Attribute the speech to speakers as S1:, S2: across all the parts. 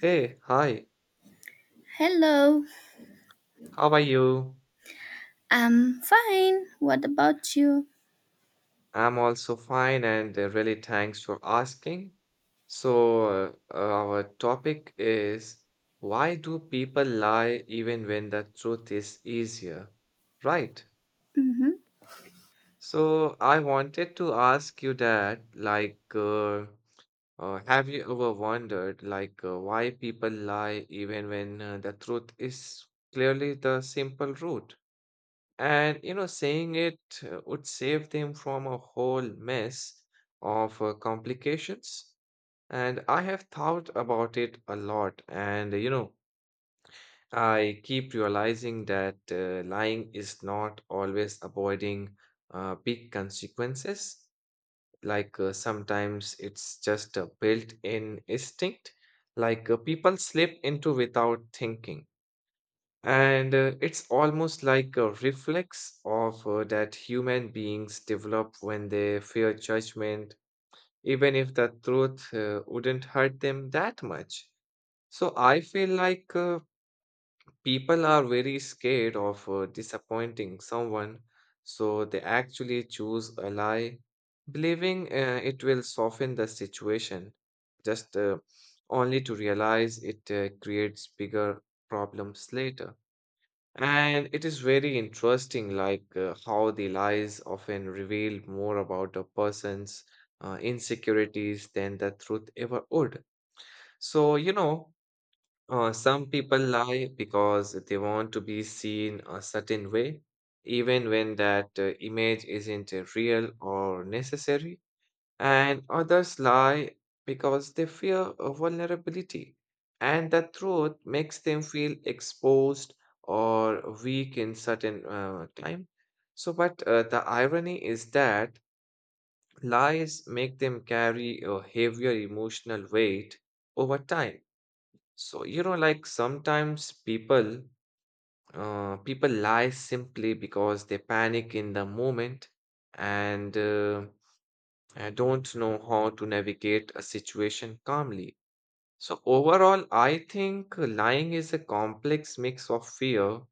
S1: Hey, hi.
S2: Hello,
S1: How are you?
S2: I'm fine. What about you?
S1: I'm also fine, and really thanks for asking. So, our topic is why do people lie even when the truth is easier? Right.
S2: hmm
S1: So, I wanted to ask you that, have you ever wondered, why people lie even when the truth is clearly the simple route? And you know, saying it would save them from a whole mess of complications. And I have thought about it a lot. And you know, I keep realizing that lying is not always avoiding big consequences. Sometimes it's just a built-in instinct, like people slip into without thinking. And it's almost like a reflex of that human beings develop when they fear judgment, even if the truth wouldn't hurt them that much. So I feel like people are very scared of disappointing someone, so they actually choose a lie, believing it will soften the situation, just only to realize it creates bigger problems later. And it is very interesting, like how the lies often reveal more about a person's insecurities than the truth ever would. So, you know, some people lie because they want to be seen a certain way, even when that image isn't real or necessary, and others lie because they fear a vulnerability, and that truth makes them feel exposed or weak in certain time. So, but the irony is that lies make them carry a heavier emotional weight over time. So, you know, like sometimes people lie simply because they panic in the moment and I don't know how to navigate a situation calmly. So, overall, I think lying is a complex mix of fear,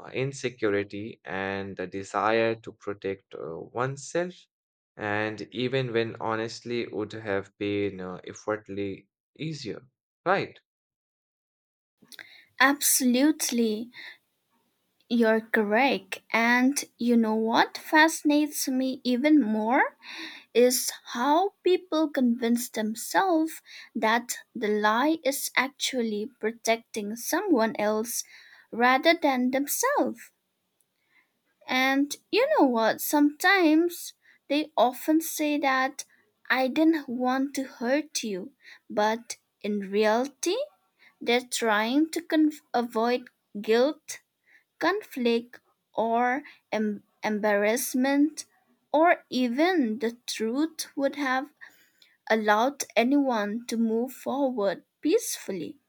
S1: insecurity, and the desire to protect oneself. And even when honestly would have been effortlessly easier, right?
S2: Absolutely, you're correct. And you know what fascinates me even more is how people convince themselves that the lie is actually protecting someone else rather than themselves. And you know what? Sometimes they often say that I didn't want to hurt you, but in reality, they're trying to avoid guilt, conflict, or embarrassment, or even the truth would have allowed anyone to move forward peacefully.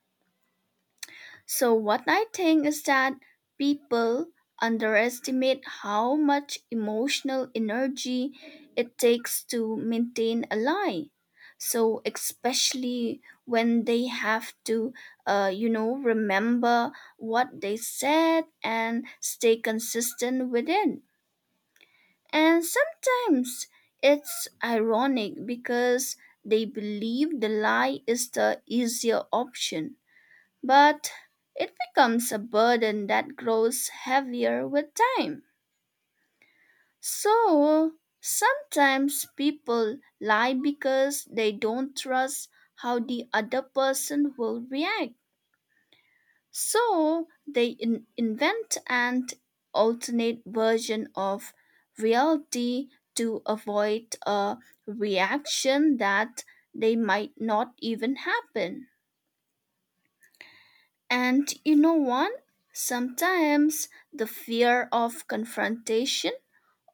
S2: So, what I think is that people underestimate how much emotional energy it takes to maintain a lie. So, especially when they have to, remember what they said and stay consistent with it. And sometimes it's ironic because they believe the lie is the easier option, but it becomes a burden that grows heavier with time. So sometimes people lie because they don't trust how the other person will react. So they invent an alternate version of reality to avoid a reaction that they might not even happen. And you know what? Sometimes the fear of confrontation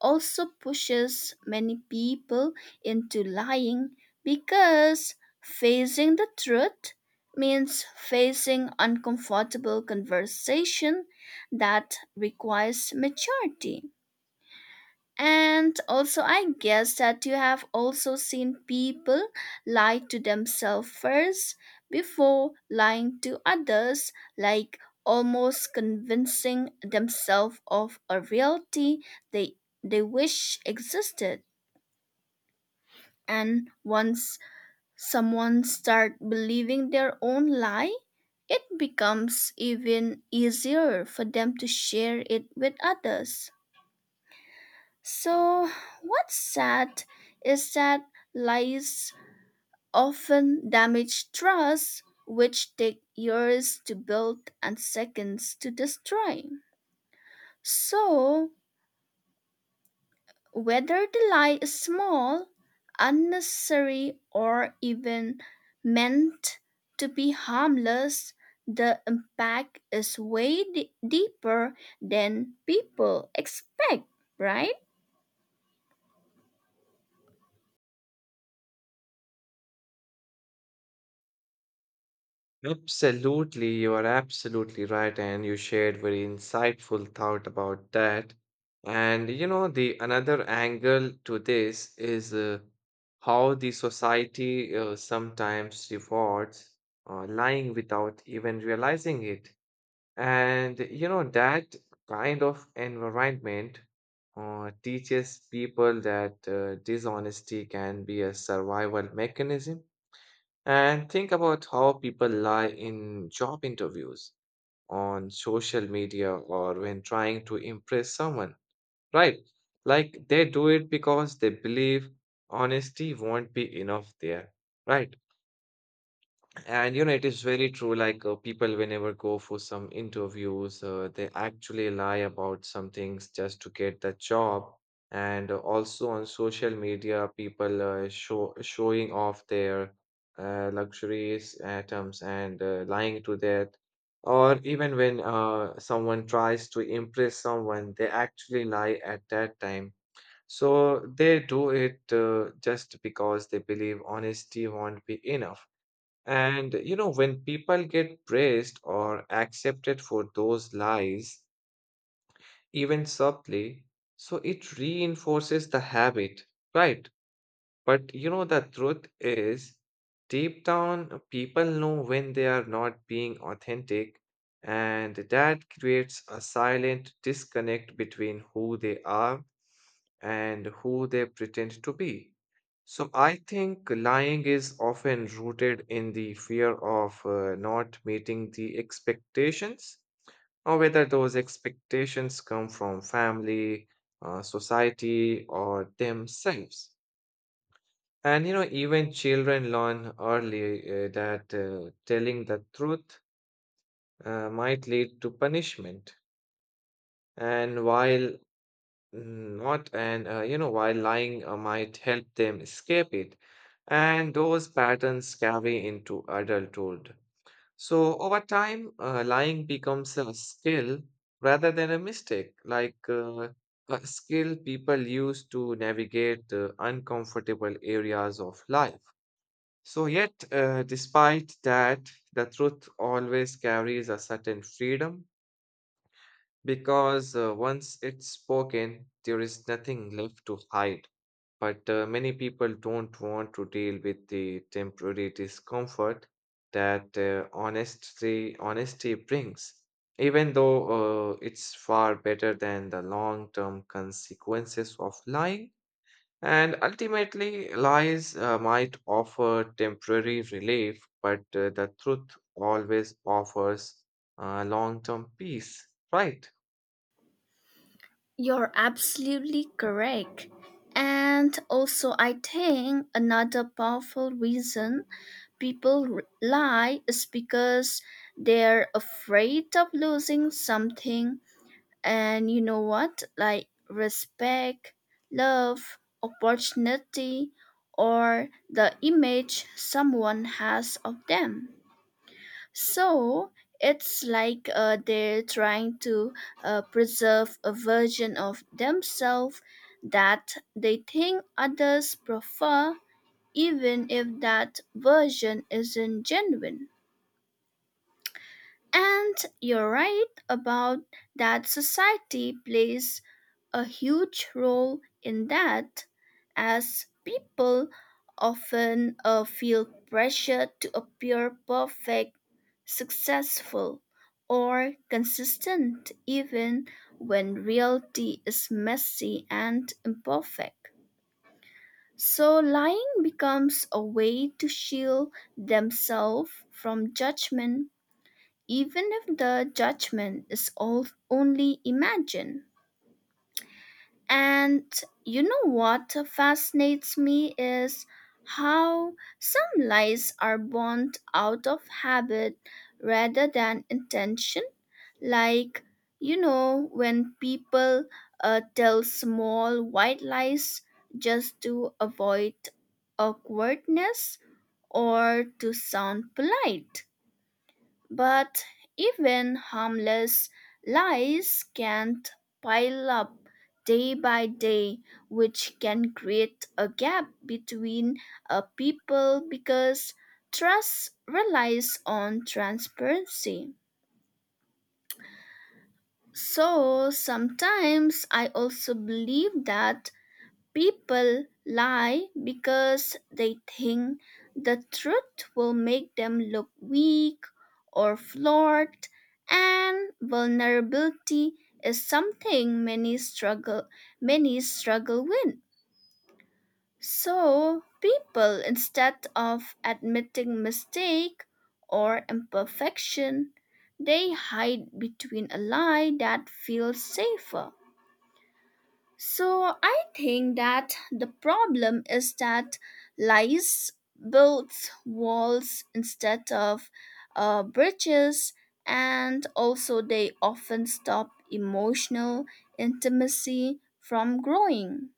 S2: also pushes many people into lying because facing the truth means facing uncomfortable conversation that requires maturity. And also, I guess that you have also seen people lie to themselves first before lying to others, like almost convincing themselves of a reality they, they wish existed. And once someone start believing their own lie, it becomes even easier for them to share it with others. So, what's sad is that lies often damage trust, which take years to build and seconds to destroy. So, whether the lie is small, unnecessary, or even meant to be harmless, the impact is way deeper than people expect, right?
S1: Absolutely, you are absolutely right, and you shared very insightful thought about that. And you know, the another angle to this is how the society sometimes rewards lying without even realizing it. And you know, that kind of environment teaches people that dishonesty can be a survival mechanism, and think about how people lie in job interviews, on social media, or when trying to impress someone, right? Like they do it because they believe honesty won't be enough there, right? And you know, it is very true. Like people, whenever go for some interviews, they actually lie about some things just to get the job. And also on social media, people showing off their luxurious items and lying to that. Or even when someone tries to impress someone, they actually lie at that time. So they do it just because they believe honesty won't be enough. And you know, when people get praised or accepted for those lies, even subtly, so it reinforces the habit, right? But you know, the truth is, deep down, people know when they are not being authentic, and that creates a silent disconnect between who they are and who they pretend to be. So I think lying is often rooted in the fear of not meeting the expectations, or whether those expectations come from family, society, or themselves. And you know, even children learn early that telling the truth might lead to punishment. And while Not, and You know, while lying might help them escape it. And those patterns carry into adulthood. So over time, lying becomes a skill rather than a mistake, like a skill people use to navigate uncomfortable areas of life. So, yet, despite that, the truth always carries a certain freedom. Because once it's spoken, there is nothing left to hide. But many people don't want to deal with the temporary discomfort that honesty brings, even though it's far better than the long term consequences of lying. And ultimately, lies might offer temporary relief, but the truth always offers long term peace, right?
S2: You're absolutely correct. And also, I think another powerful reason people lie is because they're afraid of losing something. And you know what? Like respect, love, opportunity, or the image someone has of them. So it's like they're trying to preserve a version of themselves that they think others prefer, even if that version isn't genuine. And you're right about that society plays a huge role in that, as people often feel pressure to appear perfect, successful, or consistent, even when reality is messy and imperfect. So, lying becomes a way to shield themselves from judgment, even if the judgment is all only imagined. And you know what fascinates me is how some lies are born out of habit rather than intention. Like, you know, when people tell small white lies just to avoid awkwardness or to sound polite. But even harmless lies can pile up day by day, which can create a gap between a people because trust relies on transparency. So sometimes I also believe that people lie because they think the truth will make them look weak or flawed, and vulnerability is something many struggle with. So, people instead of admitting mistake or imperfection, they hide between a lie that feels safer. So I think that the problem is that lies builds walls instead of bridges, and also they often stop emotional intimacy from growing.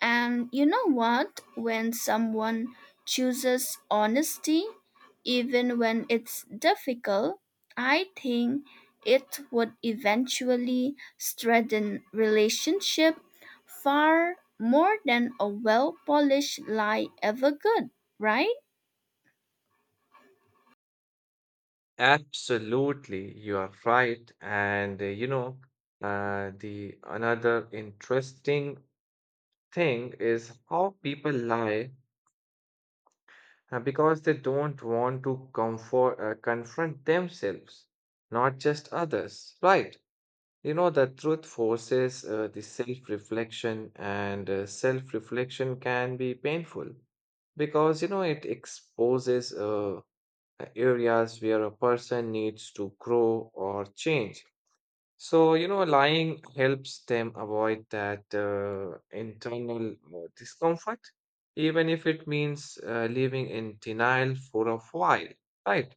S2: And you know what? When someone chooses honesty, even when it's difficult, I think it would eventually strengthen relationship far more than a well-polished lie ever could, right?
S1: Absolutely, you are right. And you know, the another interesting thing is how people lie because they don't want to confront themselves, not just others, right? You know, the truth forces the self-reflection, and self-reflection can be painful because you know it exposes areas where a person needs to grow or change. So, you know, lying helps them avoid that internal discomfort, even if it means living in denial for a while, right?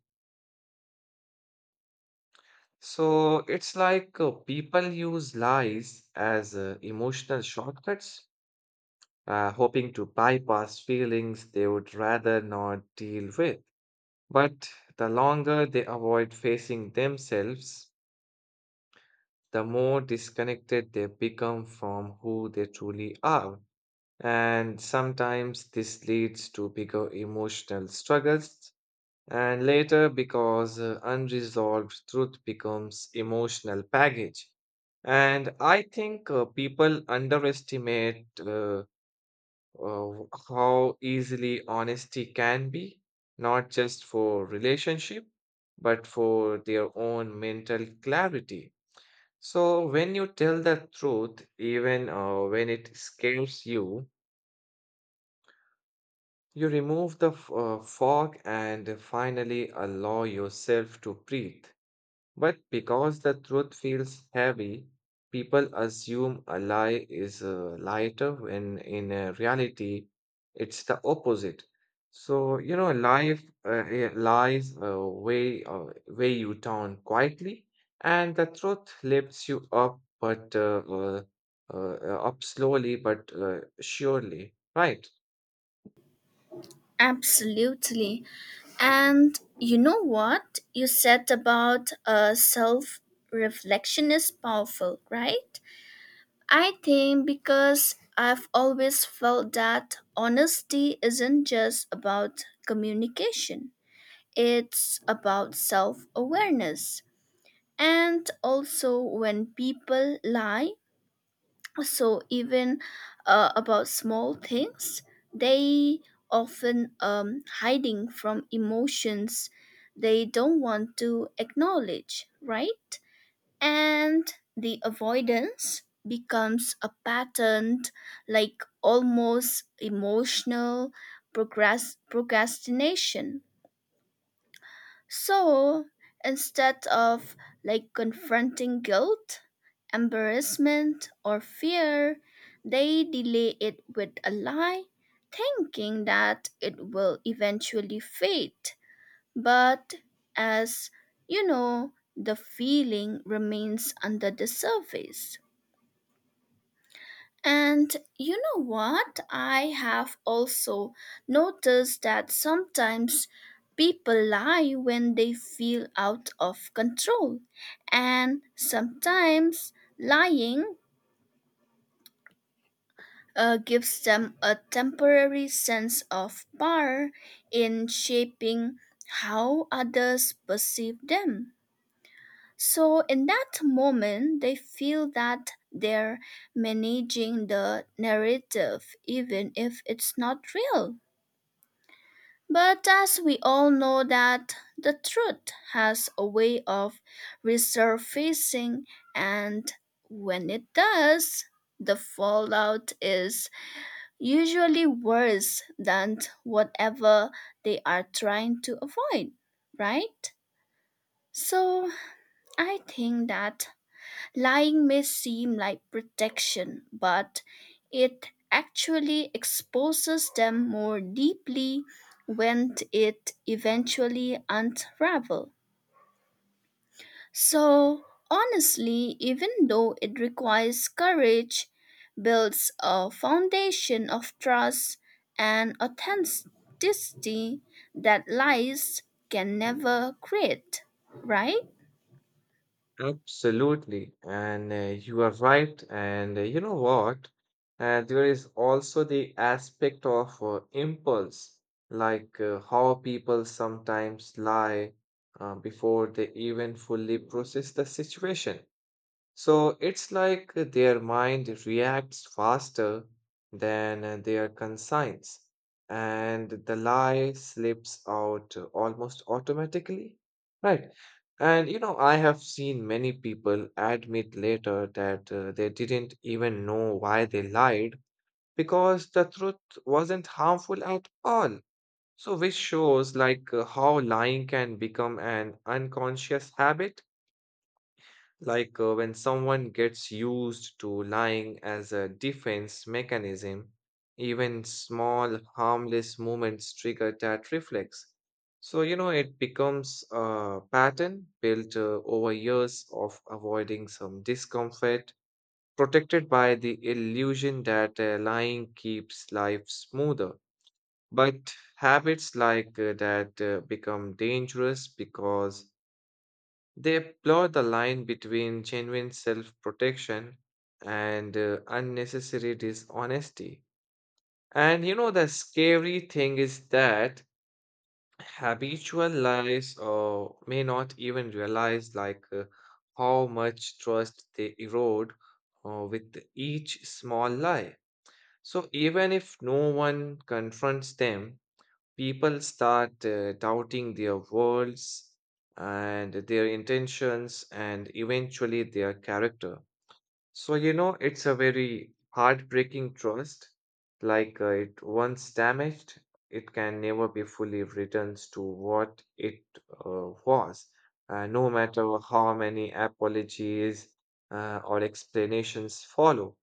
S1: So it's like people use lies as emotional shortcuts, hoping to bypass feelings they would rather not deal with. But the longer they avoid facing themselves, the more disconnected they become from who they truly are. And sometimes this leads to bigger emotional struggles. And later, because unresolved truth becomes emotional baggage. And I think people underestimate uh, how easily honesty can be, not just for relationship, but for their own mental clarity. So when you tell the truth, even when it scares you, you remove the fog and finally allow yourself to breathe. But because the truth feels heavy, people assume a lie is lighter when in reality it's the opposite. So, you know, lies weigh you down quietly, and the truth lifts you up, but uh, up slowly but surely, right?
S2: Absolutely. And you know what you said about self reflection is powerful, right? I think because I've always felt that honesty isn't just about communication, it's about self awareness. And also, when people lie, so even about small things, they often hiding from emotions they don't want to acknowledge, right? And the avoidance becomes a pattern, like almost emotional procrastination. So instead of like confronting guilt, embarrassment, or fear, they delay it with a lie, thinking that it will eventually fade, but as you know, the feeling remains under the surface. And you know what? I have also noticed that sometimes people lie when they feel out of control, and sometimes lying gives them a temporary sense of power in shaping how others perceive them. So, in that moment, they feel that they're managing the narrative, even if it's not real. But as we all know, that the truth has a way of resurfacing, and when it does, the fallout is usually worse than whatever they are trying to avoid, right? So, I think that lying may seem like protection, but it actually exposes them more deeply when it eventually unravels. So, honestly, even though it requires courage, builds a foundation of trust and authenticity that lies can never create, right?
S1: Absolutely. And you are right. And you know what? There is also the aspect of impulse, like how people sometimes lie before they even fully process the situation. So it's like their mind reacts faster than their conscience, and the lie slips out almost automatically. Right. And you know, I have seen many people admit later that they didn't even know why they lied because the truth wasn't harmful at all. So, which shows like how lying can become an unconscious habit like when someone gets used to lying as a defense mechanism, even small harmless movements trigger that reflex. So, you know, it becomes a pattern built over years of avoiding some discomfort, protected by the illusion that lying keeps life smoother. But habits like that become dangerous because they blur the line between genuine self protection and unnecessary dishonesty. And you know, the scary thing is that habitual lies or may not even realize like how much trust they erode with each small lie. So even if no one confronts them, people start doubting their worlds and their intentions and eventually their character. So, you know, it's a very heartbreaking trust. Like it once damaged, it can never be fully returned to what it was. No matter how many apologies or explanations follow.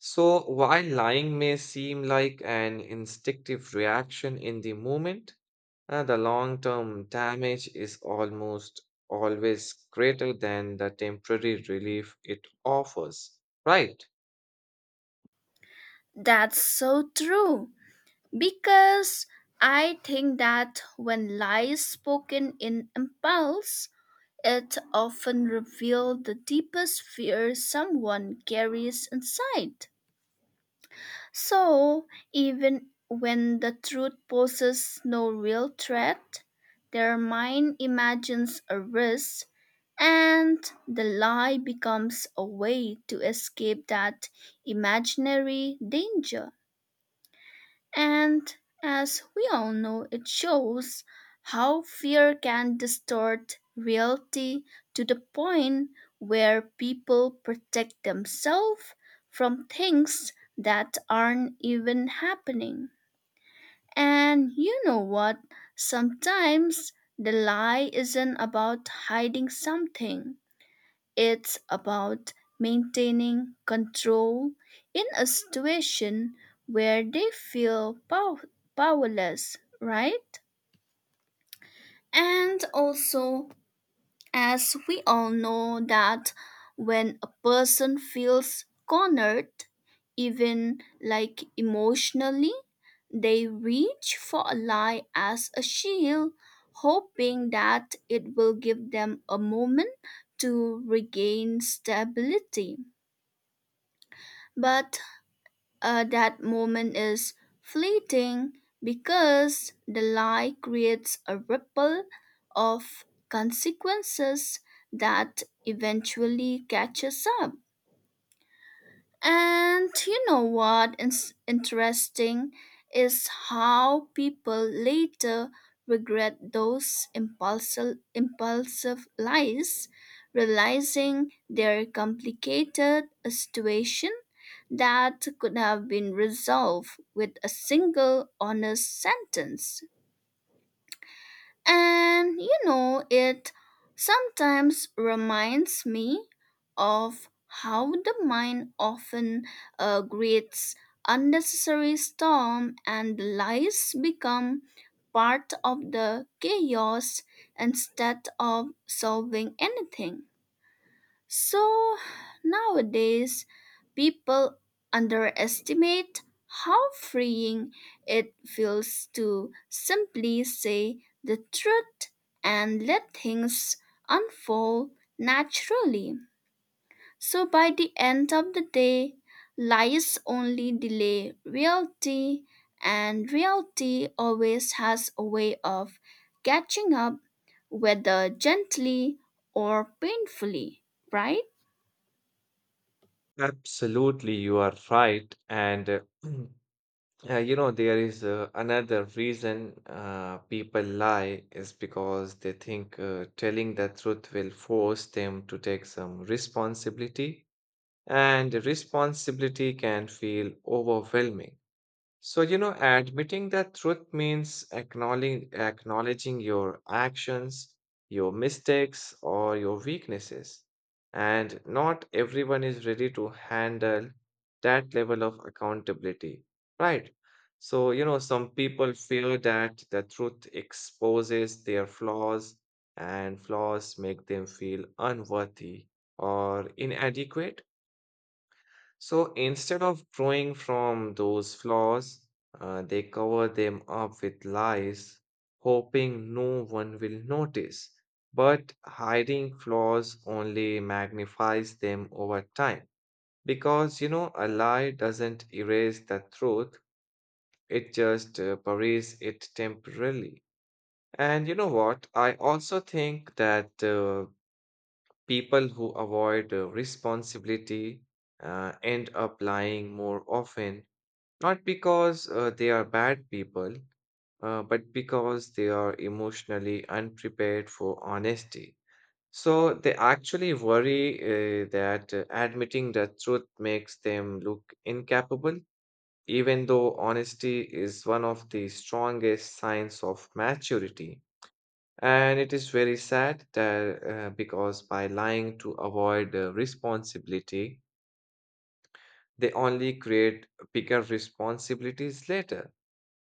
S1: So, while lying may seem like an instinctive reaction in the moment, the long term damage is almost always greater than the temporary relief it offers. Right?
S2: That's so true. Because I think that when lies spoken in impulse, it often reveals the deepest fear someone carries inside. So, even when the truth poses no real threat, their mind imagines a risk, and the lie becomes a way to escape that imaginary danger. And as we all know, it shows how fear can distort reality to the point where people protect themselves from things that aren't even happening. And you know what? Sometimes the lie isn't about hiding something. It's about maintaining control in a situation where they feel powerless, right? And also, as we all know, that when a person feels cornered, even like emotionally, they reach for a lie as a shield, hoping that it will give them a moment to regain stability. But that moment is fleeting because the lie creates a ripple of consequences that eventually catches up. And you know what is interesting is how people later regret those impulsive lies, realizing they complicated a situation that could have been resolved with a single honest sentence. And you know, it sometimes reminds me of how the mind often creates unnecessary storm and lies become part of the chaos instead of solving anything. So nowadays, people underestimate how freeing it feels to simply say the truth and let things unfold naturally. So by the end of the day, lies only delay reality, and reality always has a way of catching up, whether gently or painfully, right?
S1: Absolutely, you are right. And you know, there is another reason people lie is because they think telling the truth will force them to take some responsibility, and responsibility can feel overwhelming. So, you know, admitting that truth means acknowledging your actions, your mistakes, or your weaknesses. And not everyone is ready to handle that level of accountability, right? So, you know, some people fear that the truth exposes their flaws, and flaws make them feel unworthy or inadequate, so instead of growing from those flaws, they cover them up with lies, hoping no one will notice. But hiding flaws only magnifies them over time. Because, you know, a lie doesn't erase the truth, it just buries it temporarily. And you know what? I also think that people who avoid responsibility end up lying more often, not because they are bad people, but because they are emotionally unprepared for honesty. So they actually worry that admitting the truth makes them look incapable, even though honesty is one of the strongest signs of maturity. And it is very sad that because by lying to avoid responsibility, they only create bigger responsibilities later.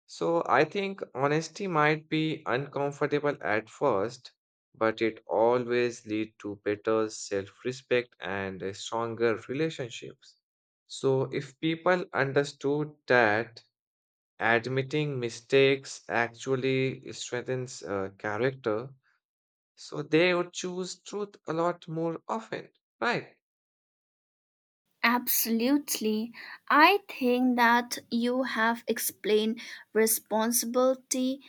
S1: So I think honesty might be uncomfortable at first, but it always lead to better self-respect and stronger relationships. So if people understood that admitting mistakes actually strengthens character, so they would choose truth a lot more often, right?
S2: Absolutely. I think that you have explained responsibility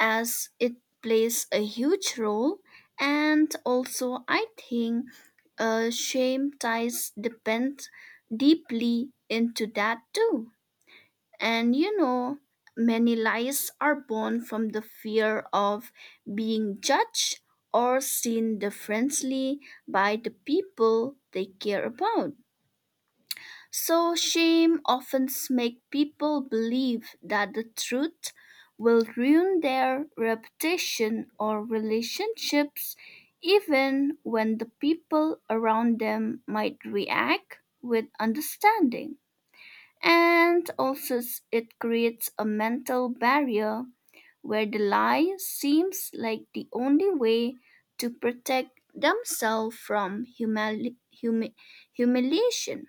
S2: as it plays a huge role. And also, I think shame ties depend deeply into that too. And you know, many lies are born from the fear of being judged or seen differently by the people they care about. So shame often makes people believe that the truth will ruin their reputation or relationships even when the people around them might react with understanding. And also it creates a mental barrier where the lie seems like the only way to protect themselves from humiliation.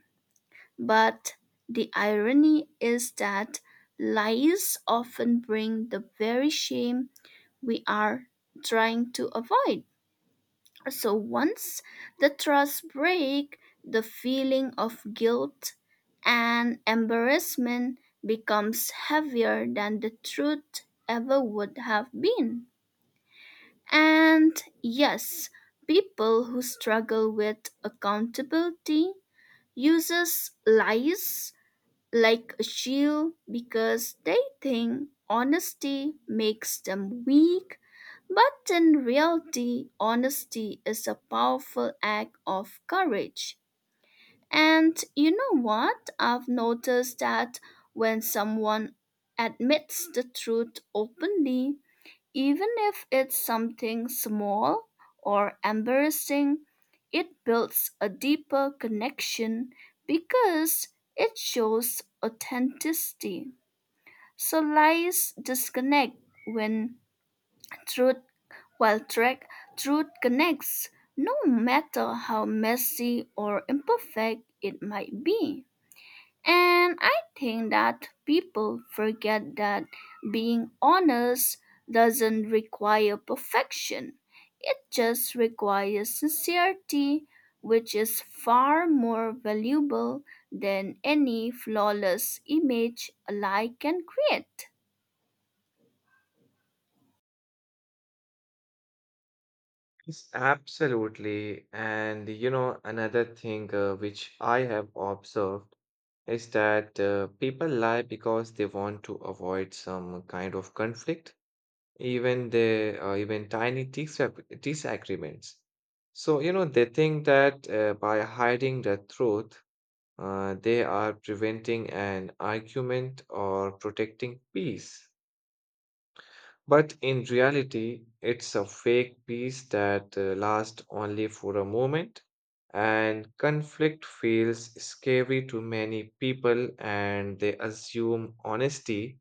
S2: But the irony is that lies often bring the very shame we are trying to avoid. So once the trust break, the feeling of guilt and embarrassment becomes heavier than the truth ever would have been. And yes, people who struggle with accountability uses lies like a shield because they think honesty makes them weak, but in reality, honesty is a powerful act of courage. And you know what? I've noticed that when someone admits the truth openly, even if it's something small or embarrassing, it builds a deeper connection because it shows authenticity. So lies disconnect when truth, while track, truth connects, no matter how messy or imperfect it might be. And I think that people forget that being honest doesn't require perfection. It just requires sincerity, which is far more valuable than any flawless image a lie can create.
S1: Yes, absolutely. And you know, another thing which I have observed is that people lie because they want to avoid some kind of conflict, even they even tiny disagreements. So you know they think that by hiding the truth, they are preventing an argument or protecting peace. But in reality, it's a fake peace that lasts only for a moment, and conflict feels scary to many people, and they assume honesty,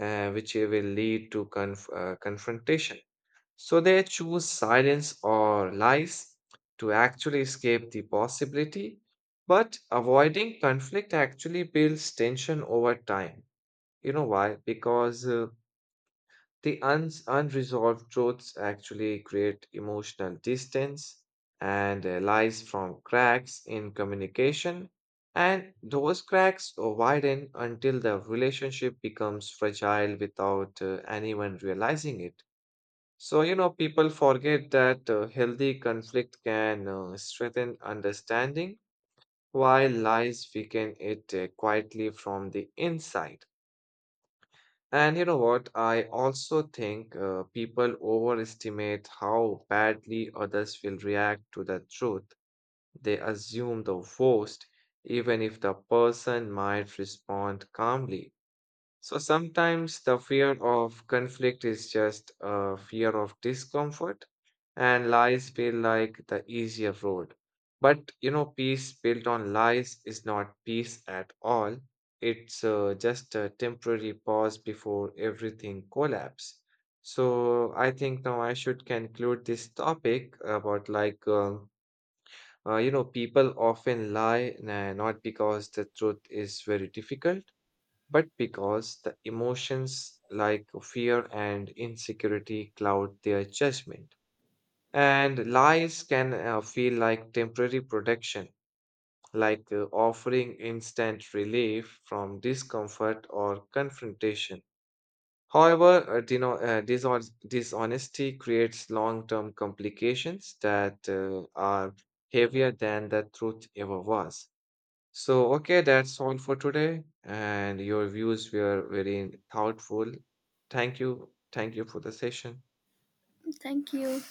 S1: which will lead to confrontation. So they choose silence or lies to actually escape the possibility. But avoiding conflict actually builds tension over time. You know why? Because the uns unresolved truths actually create emotional distance and lies from cracks in communication, and those cracks widen until the relationship becomes fragile without anyone realizing it. So, you know, people forget that healthy conflict can strengthen understanding, while lies weaken it quietly from the inside. And you know what? I also think people overestimate how badly others will react to the truth. They assume the worst, even if the person might respond calmly. So sometimes the fear of conflict is just a fear of discomfort, and lies feel like the easier road. But you know, peace built on lies is not peace at all. It's just a temporary pause before everything collapse. So I think now I should conclude this topic about like, you know, people often lie nah, not because the truth is very difficult, but because the emotions like fear and insecurity cloud their judgment. And lies can feel like temporary protection, like offering instant relief from discomfort or confrontation. However, dishonesty creates long term complications that are heavier than the truth ever was. So, okay, that's all for today. And your views were very thoughtful. Thank you. Thank you for the session.
S2: Thank you.